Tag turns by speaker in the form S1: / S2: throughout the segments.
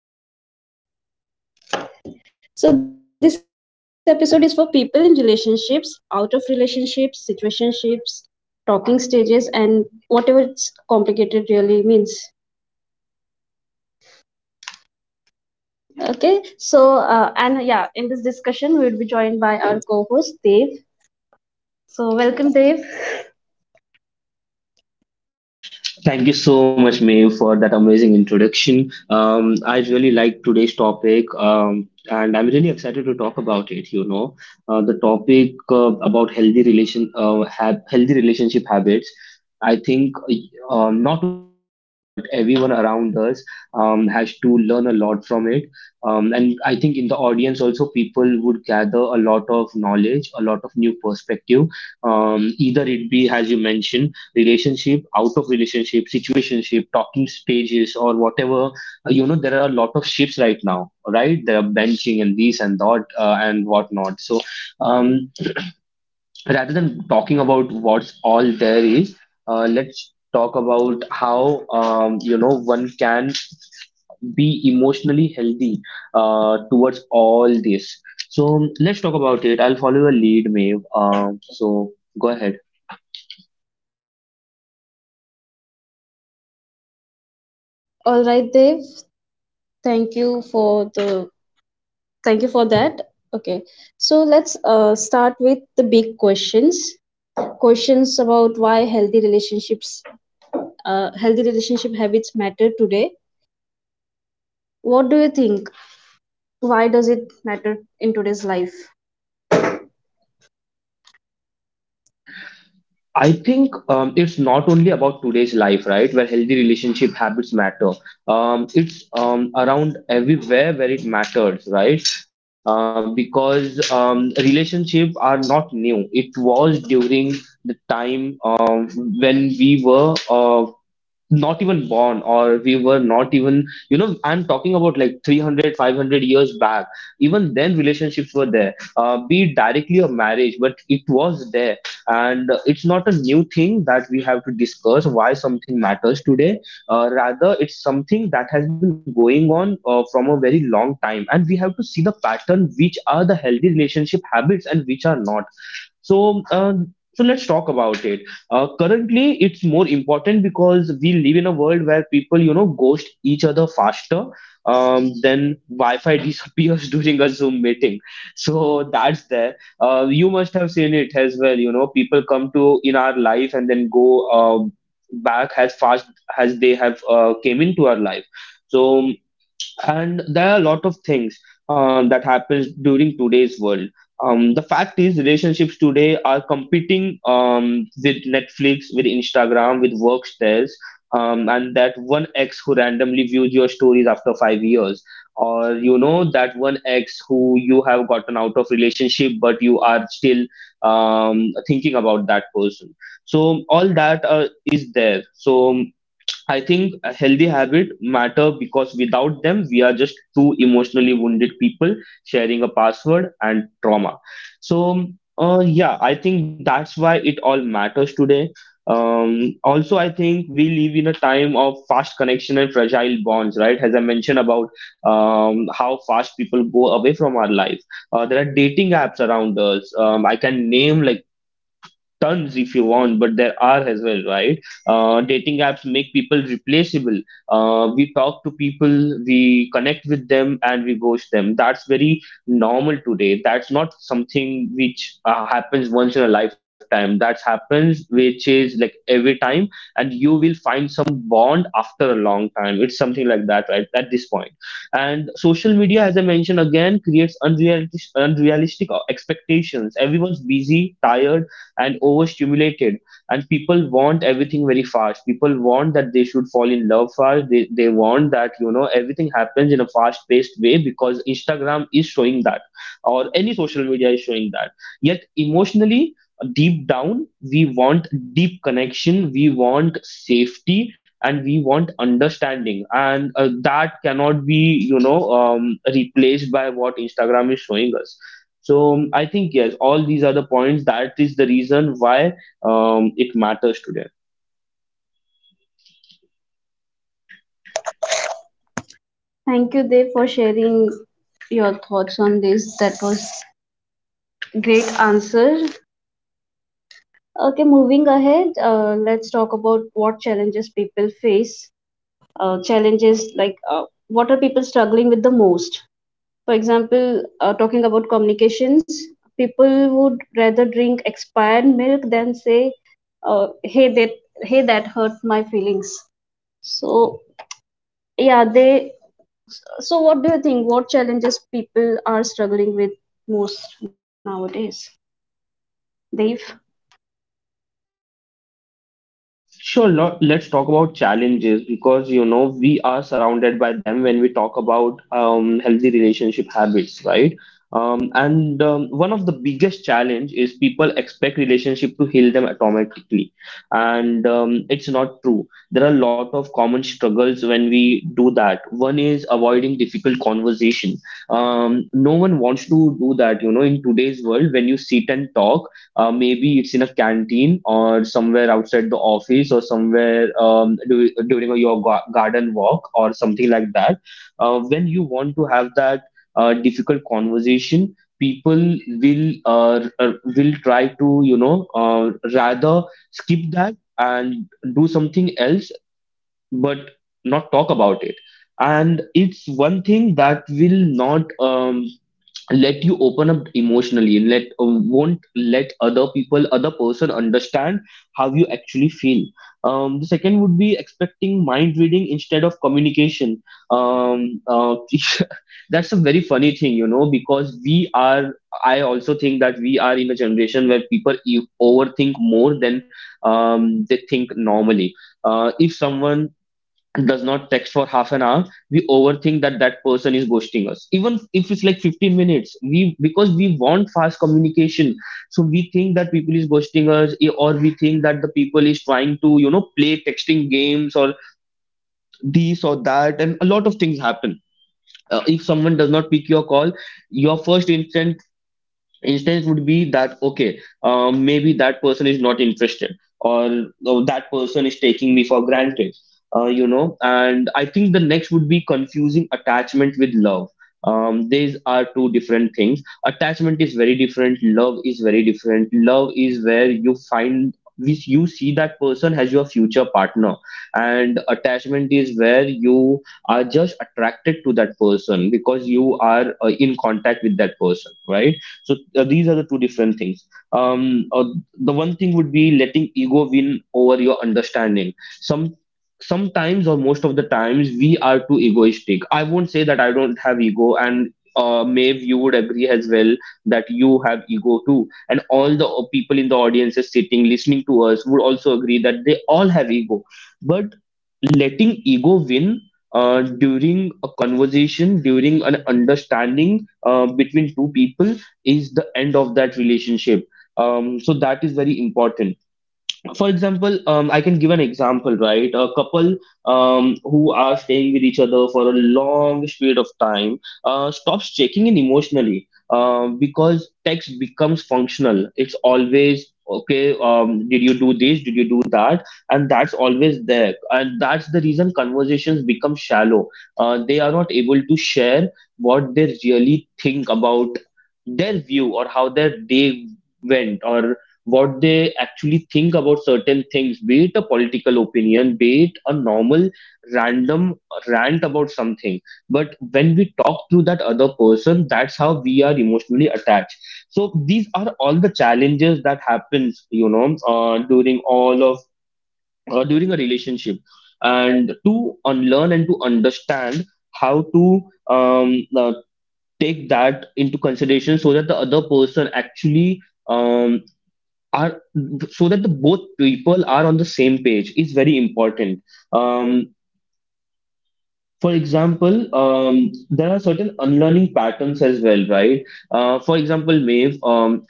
S1: thriller villain. So this episode is for people in relationships, out of relationships, situationships, talking stages and whatever it's complicated really means. Okay, so and yeah, in this discussion we will be joined by our co-host Dave. So welcome Dave.
S2: Thank you so much, Mae, for that amazing introduction. I really like today's topic, and I'm really excited to talk about it. You know, the topic have healthy relationship habits. I think not only you, me, but everyone around us has to learn a lot from it. And I think in the audience also, people would gather a lot of knowledge, a lot of new perspective. Either it be, as you mentioned, relationship, out of relationship, situationship, talking stages, or whatever. You know, there are a lot of shifts right now, right? There are benching and these and that and whatnot. So, um, rather than talking about what's all there is, let's talk about how you know one can be emotionally healthy towards all this. So let's talk about it. I'll follow your lead, Maeve. So go ahead.
S1: All right Dave, thank you for the thank you for that. Okay. So let's start with the big questions. Questions about why healthy relationship habits matter today. What do you think? Why does it matter in today's life?
S2: I think it's not only about today's life, right? Where healthy relationship habits matter. It's around everywhere where it matters, right? Because relationships are not new. It was during the time when we were not even born or we were not even, you know, I'm talking about like 300, 500 years back. Even then relationships were there, be it directly or marriage, but it was there. And it's not a new thing that we have to discuss why something matters today. Rather, it's something that has been going on from a very long time. And we have to see the pattern, which are the healthy relationship habits and which are not. So, uh, so let's talk about it. Currently, it's more important because we live in a world where people, you know, ghost each other faster than Wi-Fi disappears during a Zoom meeting. So that's there. You must have seen it as well. You know, people come to in our life and then go back as fast as they have came into our life. So. And there are a lot of things that happens during today's world. The fact is, relationships today are competing with Netflix, with Instagram, with work stares, and that one ex who randomly views your stories after 5 years, or you know that one ex who you have gotten out of relationship, but you are still thinking about that person. So all that is there. So I think a healthy habit matter because without them we are just two emotionally wounded people sharing a password and trauma. So yeah, I think that's why it all matters today. Also, I think we live in a time of fast connection and fragile bonds, right? As I mentioned about how fast people go away from our life. There are dating apps around us. I can name like tons if you want, but there are as well, right? Dating apps make people replaceable. We talk to people, we connect with them, and we ghost them. That's very normal today. That's not something which happens once in a lifetime. That happens which is like every time, and you will find some bond after a long time. It's something like that, right? At this point, and social media, as I mentioned again, creates unrealistic expectations. Everyone's busy, tired, and overstimulated, and people want everything very fast. People want that they should fall in love fast. They want that, you know, everything happens in a fast paced way because instagram is showing that or any social media is showing that. Yet emotionally deep down we want deep connection, we want safety, and we want understanding, and that cannot be, you know, replaced by what instagram is showing us. So I think yes, all these are the points. That is the reason why it matters today.
S1: Thank you, Dev, for sharing your thoughts on this. That was great answer. Okay, moving ahead, let's talk about what challenges people face. Challenges like what are people struggling with the most? For example, talking about communications, people would rather drink expired milk than say, uh, "Hey, that "Hey, that hurt my feelings." So yeah, they. So what do you think? What challenges people are struggling with most nowadays, Dave?
S2: Sure, let's talk about challenges because you know we are surrounded by them when we talk about healthy relationship habits, right? And one of the biggest challenge is people expect relationship to heal them automatically, and it's not true. There are a lot of common struggles when we do that. One is avoiding difficult conversation. No one wants to do that, you know, in today's world when you sit and talk, maybe it's in a canteen or somewhere outside the office or somewhere, du during your garden walk or something like that. When you want to have that difficult conversation, people will try to, you know, rather skip that and do something else but not talk about it. And it's one thing that will not let you open up emotionally and let won't let other person understand how you actually feel. The second would be expecting mind reading instead of communication. um, uh, that's a very funny thing, you know, because we are I also think that we are in a generation where people overthink more than they think normally. Uh, if someone and does not text for half an hour, we overthink that that person is ghosting us. Even if it's like 15 minutes, we, because we want fast communication, so we think that people is ghosting us, eh, or we think that the people is trying to, you know, play texting games or this or that, and a lot of things happen. If someone does not pick your call, your first instinct instance would be that, okay, maybe that person is not interested, or oh, that person is taking me for granted. You know, and I think the next would be confusing attachment with love. These are two different things. Attachment is very different, love is very different. Love is where you find, which you see that person as your future partner, and attachment is where you are just attracted to that person because you are in contact with that person, right? So these are the two different things. um uh, the one thing would be letting ego win over your understanding. Some sometimes or most of the times we are too egoistic. I won't say that I don't have ego, and Maeve, you would agree as well that you have ego too, and all the people in the audience is sitting listening to us would also agree that they all have ego. But letting ego win during a conversation, during an understanding between two people, is the end of that relationship. So that is very important. For example, I can give an example, right? A couple who are staying with each other for a long period of time stops checking in emotionally because text becomes functional. It's always, okay, did you do this? Did you do that? And that's always there. And that's the reason conversations become shallow. They are not able to share what they really think about their view, or how their day went, or what they actually think about certain things, be it a political opinion, be it a normal random rant about something. But when we talk to that other person, that's how we are emotionally attached. So these are all the challenges that happens, you know, during all of during a relationship, and to unlearn and to understand how to take that into consideration so that the other person actually um are so that the both people are on the same page is very important. um for example, there are certain unlearning patterns as well, right? For example, Maeve,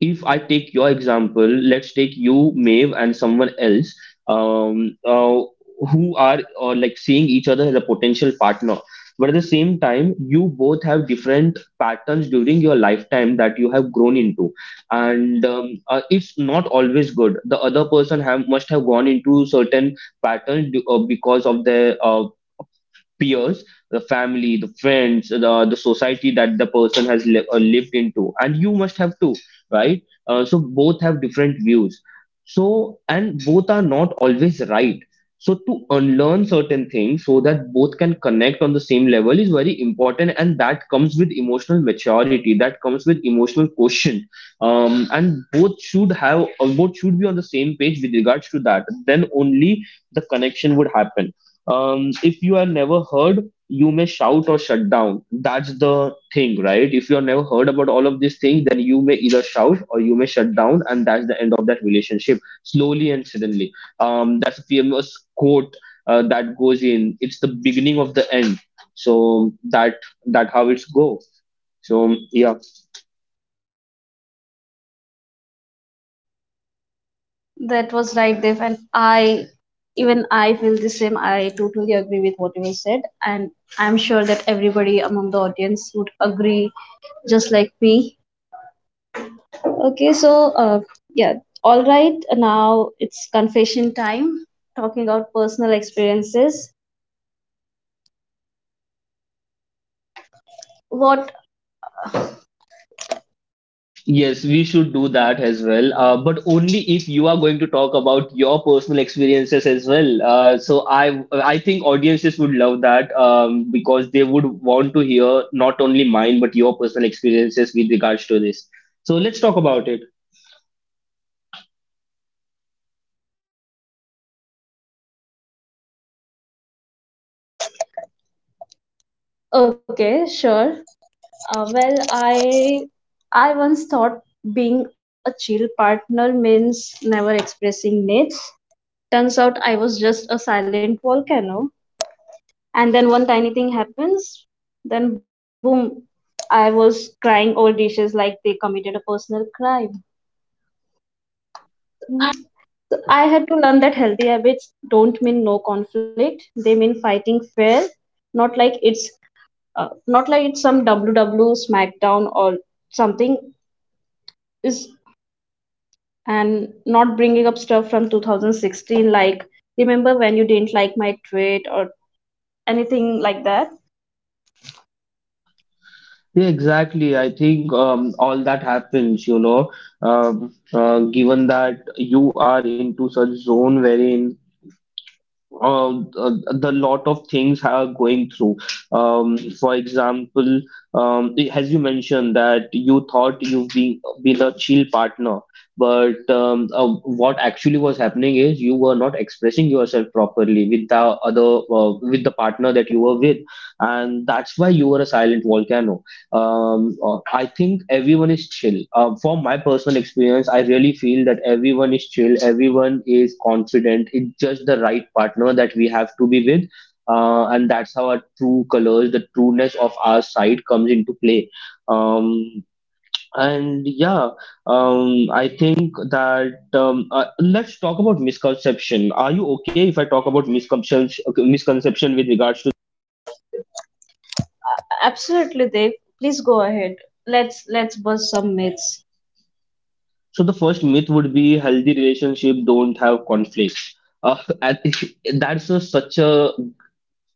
S2: if I take your example, let's take you, Maeve, and someone else, um, uh, who are like seeing each other as a potential partner. But at the same time, you both have different patterns during your lifetime that you have grown into, and it's not always good. The other person have must have gone into certain patterns do, because of their peers, the family, the friends, the society that the person has lived into, and you must have too, right? So both have different views. So, and both are not always right. So to unlearn certain things so that both can connect on the same level is very important, and that comes with emotional maturity, that comes with emotional quotient. And both should have, both should be on the same page with regards to that. Then only the connection would happen. If you are never heard, you may shout or shut down. That's the thing, right? If you are never heard about all of these things, then you may either shout or you may shut down, and that's the end of that relationship, slowly and suddenly. That's a famous quote that goes in. It's the beginning of the end. So that that how it's go. So yeah.
S1: That was right, Dev, and I I feel the same. I totally agree with what you said, and I'm sure that everybody among the audience would agree just like me. Okay, yeah, all right. Now it's confession time. Talking about personal experiences. What?
S2: Yes, we should do that as well, but only if you are going to talk about your personal experiences as well. So I think audiences would love that because they would want to hear not only mine but your personal experiences with regards to this. So let's talk about it.
S1: Okay, sure. Well, I once thought being a chill partner means never expressing needs. Turns out I was just a silent volcano. And then one tiny thing happens, then boom, I was crying over dishes like they committed a personal crime. I had to learn that healthy habits don't mean no conflict. They mean fighting fair, not like it's not like it's some WW SmackDown or something is and not bringing up stuff from 2016 like remember when you didn't like my tweet or anything like that.
S2: Yeah, exactly. I think all that happens, given that you are into such zone wherein uh, uh, the lot of things are going through. For example, as you mentioned that you thought you've been a chill partner, but what actually was happening is you were not expressing yourself properly with the other with the partner that you were with, and that's why you were a silent volcano. I think everyone is chill. From my personal experience, I really feel that everyone is chill, everyone is confident. It's just the right partner that we have to be with. And that's how our true colors, the trueness of our side comes into play. Um, and yeah, I think that let's talk about misconception. Are you okay if I talk about misconception, okay, misconception with regards.
S1: Absolutely, Dev. Please go ahead. Let's bust some myths.
S2: So the first myth would be healthy relationship don't have conflict. Uh, and that's such a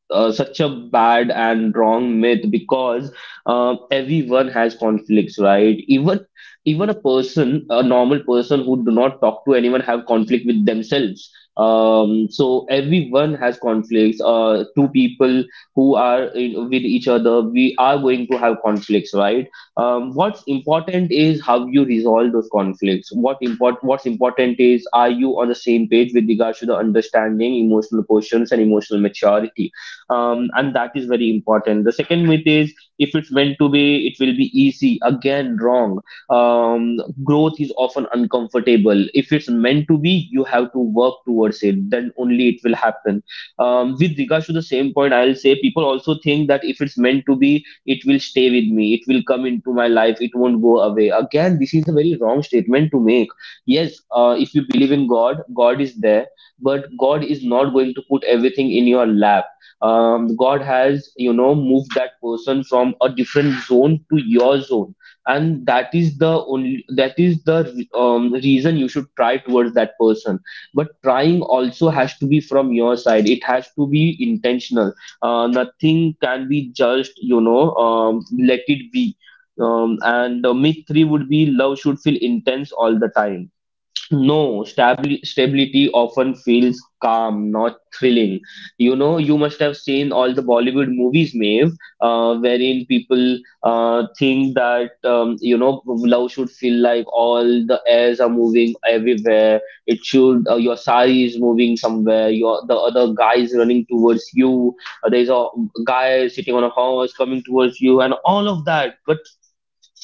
S2: such a bad and wrong myth because everyone has conflicts, right? Even a person, a normal person who do not talk to anyone, have conflict with themselves. So everyone has conflicts. Two people who are in, with each other, we are going to have conflicts, right? What's important is how you resolve those conflicts. What's important is, are you on the same page with regards to the understanding, emotional quotients, and emotional maturity? And that is very important. The second myth is, if it's meant to be, it will be easy. Again, wrong. Growth is often uncomfortable. If it's meant to be, you have to work towards it. Then only it will happen. With regards to the same point, I'll say people also think that if it's meant to be, it will stay with me. It will come into my life. It won't go away. Again, this is a very wrong statement to make. Yes, if you believe in God, God is there, but God is not going to put everything in your lap. God has, you know, moved that person from a different zone to your zone, and that is the reason you should try towards that person, but trying also has to be from your side. It has to be intentional. Nothing can be just, you know, let it be. And Myth 3 would be, love should feel intense all the time. No, stabli stability often feels calm, not thrilling. You know, you must have seen all the Bollywood movies, Maeve, wherein people think that, you know, love should feel like all the airs are moving everywhere. It should, your sari is moving somewhere. Your the other guy is running towards you. There's a guy sitting on a horse coming towards you, and all of that. But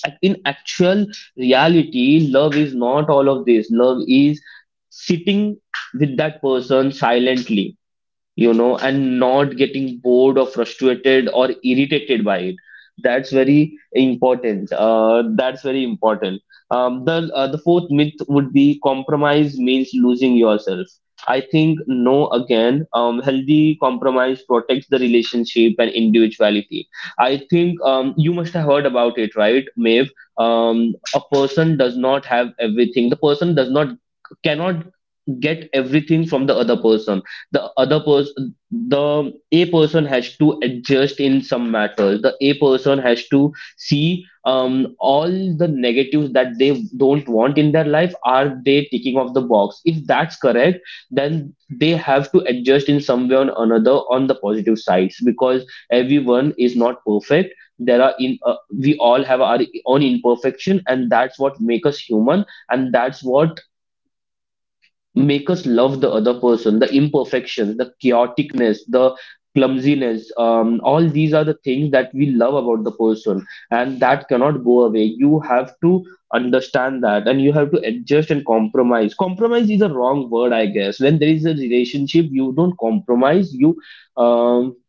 S2: in actual reality, love is not all of this. Love is sitting with that person silently, you know, and not getting bored or frustrated or irritated by it. That's very important. That's very important. The fourth myth would be, compromise means losing yourself. I think no again. Healthy compromise protects the relationship and individuality. I think you must have heard about it, right, Maeve? A person does not have everything. The person does not cannot get everything from the other person. The other person the a person has to adjust in some matters. The a person has to see, all the negatives that they don't want in their life, are they ticking off the box? If that's correct, then they have to adjust in some way or another on the positive sides, because everyone is not perfect. There are in We all have our own imperfection, and that's what make us human, and that's what make us love the other person. The imperfections, the chaoticness, the clumsiness, all these are the things that we love about the person, and that cannot go away. You have to understand that, and you have to adjust and compromise. Compromise is a wrong word, I guess. When there is a relationship, you don't compromise, you um,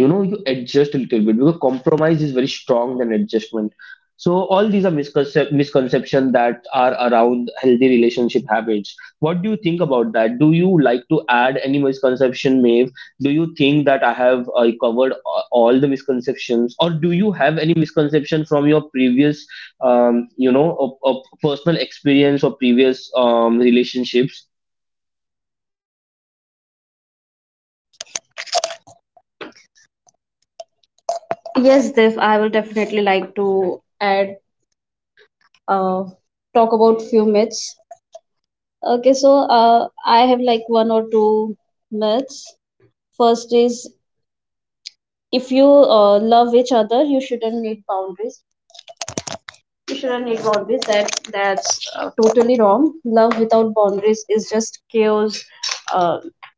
S2: you know, you adjust a little bit, because compromise is very strong than adjustment. So all these are misconceptions, misconception that are around healthy relationship habits. What do you think about that? Do you like to add any misconception, Maeve? Do you think that I have covered all the misconceptions, or do you have any misconception from your previous, you know, a personal experience or previous relationships?
S1: Yes, Dev. I will definitely like to add, uh, talk about few myths. Okay, so I have like one or two myths. First is if you love each other, you shouldn't need boundaries. You shouldn't need boundaries. That's totally wrong. Love without boundaries is just chaos. Uh,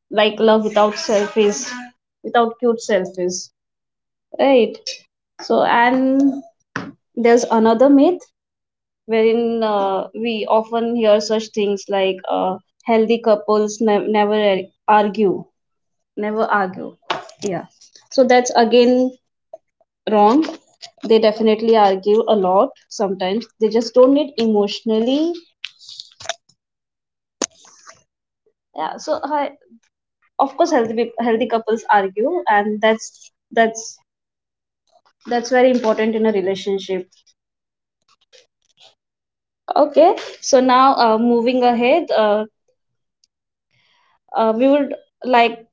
S1: like love without self is without cute self is right. So and there's another myth wherein we often hear such things like healthy couples ne- never ar- argue, never argue, yeah. So that's again wrong. They definitely argue a lot, sometimes they just don't need emotionally, yeah. Of course healthy couples argue and that's very important in a relationship. Okay, so now, moving ahead we would like,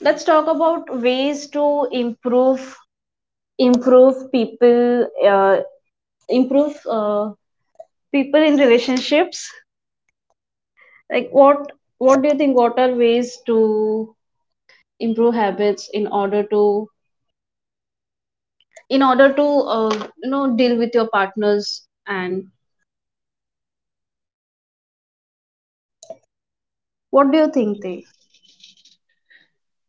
S1: let's talk about ways to improve people, improve people in relationships. Like what do you think? What are ways to improve habits in order to you know deal with your partners? And what do you think, Dev?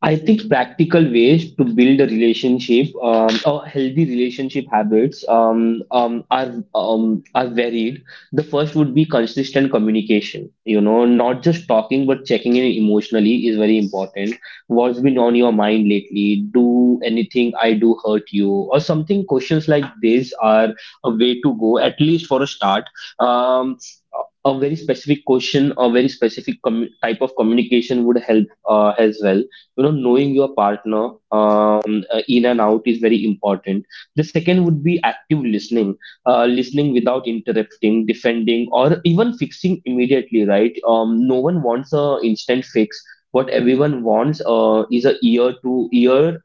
S2: I think practical ways to build a relationship, or healthy relationship habits, are varied. The first would be consistent communication. You know, not just talking, but checking in emotionally is very important. What's been on your mind lately? Do anything I do hurt you, or something? Questions like this are a way to go, at least for a start. Um, a a very specific question or very specific commu type of communication would help as well. You know, knowing your partner in and out is very important. The second would be active listening. Uh, listening without interrupting, defending, or even fixing immediately, right? No one wants a instant fix. What everyone wants is a ear to ear,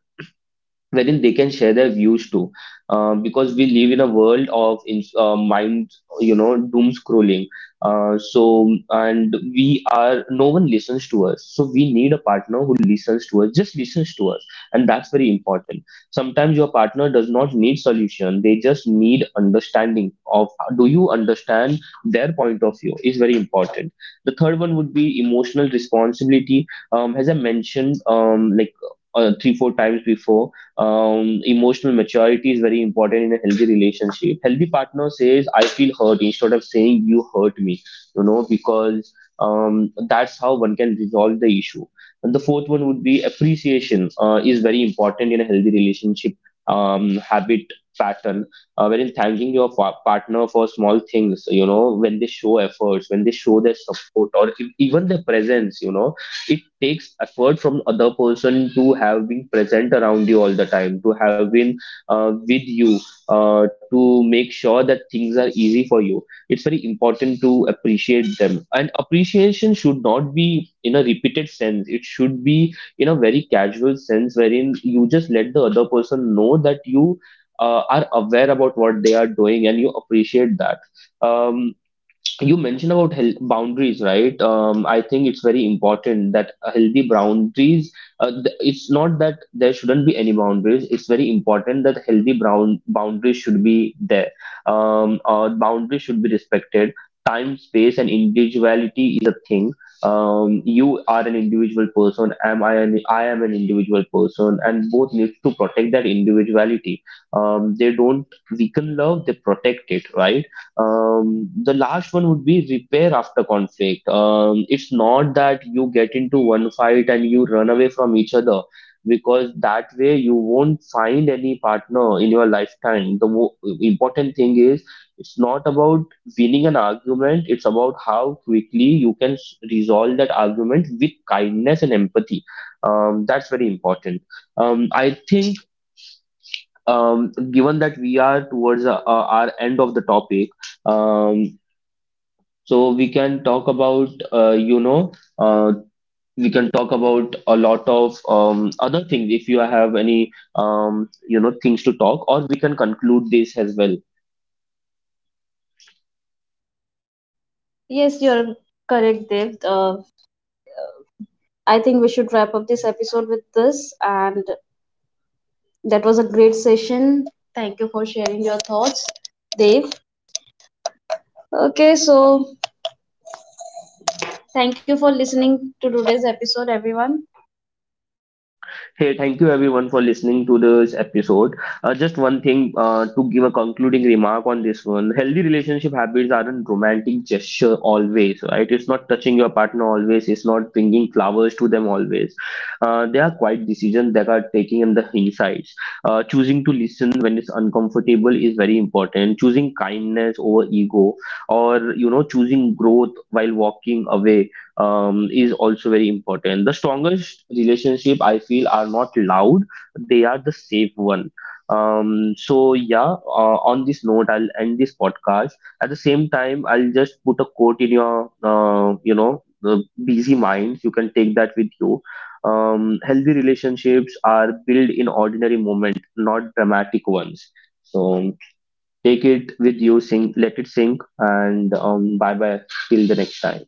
S2: wherein they can share their views too. Uh, because we live in a world of mind, you know, doom scrolling. Uh, so and we are, no one listens to us, so we need a partner who listens to us, just listens to us. And that's very important. Sometimes your partner does not need solution, they just need understanding, of, do you understand their point of view is very important. The third one would be emotional responsibility. As I mentioned, like 3 4 times before, emotional maturity is very important in a healthy relationship. Healthy partner says, I feel hurt, instead of saying, you hurt me, you know, because that's how one can resolve the issue. And the fourth one would be, appreciation is very important in a healthy relationship, habit pattern, wherein thanking your partner for small things, you know, when they show efforts, when they show their support, or even their presence. You know, it takes effort from other person to have been present around you all the time, to have been with you, to make sure that things are easy for you. It's very important to appreciate them, and appreciation should not be in a repeated sense, it should be in a very casual sense, wherein you just let the other person know that you are aware about what they are doing, and you appreciate that. um, you mentioned about health boundaries, right? I think it's very important that a healthy boundaries. It's not that there shouldn't be any boundaries. It's very important that healthy brown boundaries should be there. Boundaries should be respected. Time, space, and individuality is a thing. You are an individual person. Am I? I am an individual person, and both need to protect that individuality. They don't weaken love; they protect it, right? The last one would be repair after conflict. It's not that you get into one fight and you run away from each other, because that way you won't find any partner in your lifetime. The mo important thing is, it's not about winning an argument, it's about how quickly you can resolve that argument with kindness and empathy. That's very important. I think, given that we are towards our end of the topic, um so we can talk about, you know, uh, we can talk about a lot of other things if you have any, you know, things to talk, or we can conclude this as well.
S1: Yes, you're correct, Dev. I think we should wrap up this episode with this, and that was a great session. Thank you for sharing your thoughts, Dev. Okay, so thank you for listening to today's episode, everyone.
S2: Hey, thank you everyone for listening to this episode. Just one thing to give a concluding remark on this one. Healthy relationship habits aren't romantic gesture always, right? It's not touching your partner always. It's not bringing flowers to them always. They are quite decisions that are taking in the insights. Choosing to listen when it's uncomfortable is very important. Choosing kindness over ego, or you know, choosing growth while walking away is also very important. The strongest relationship I feel are not loud; they are the safe one. So yeah, on this note, I'll end this podcast. At the same time, I'll just put a quote in your, you know, the busy mind. You can take that with you. Healthy relationships are built in ordinary moment, not dramatic ones. So take it with you, sink, let it sink, and bye bye till the next time.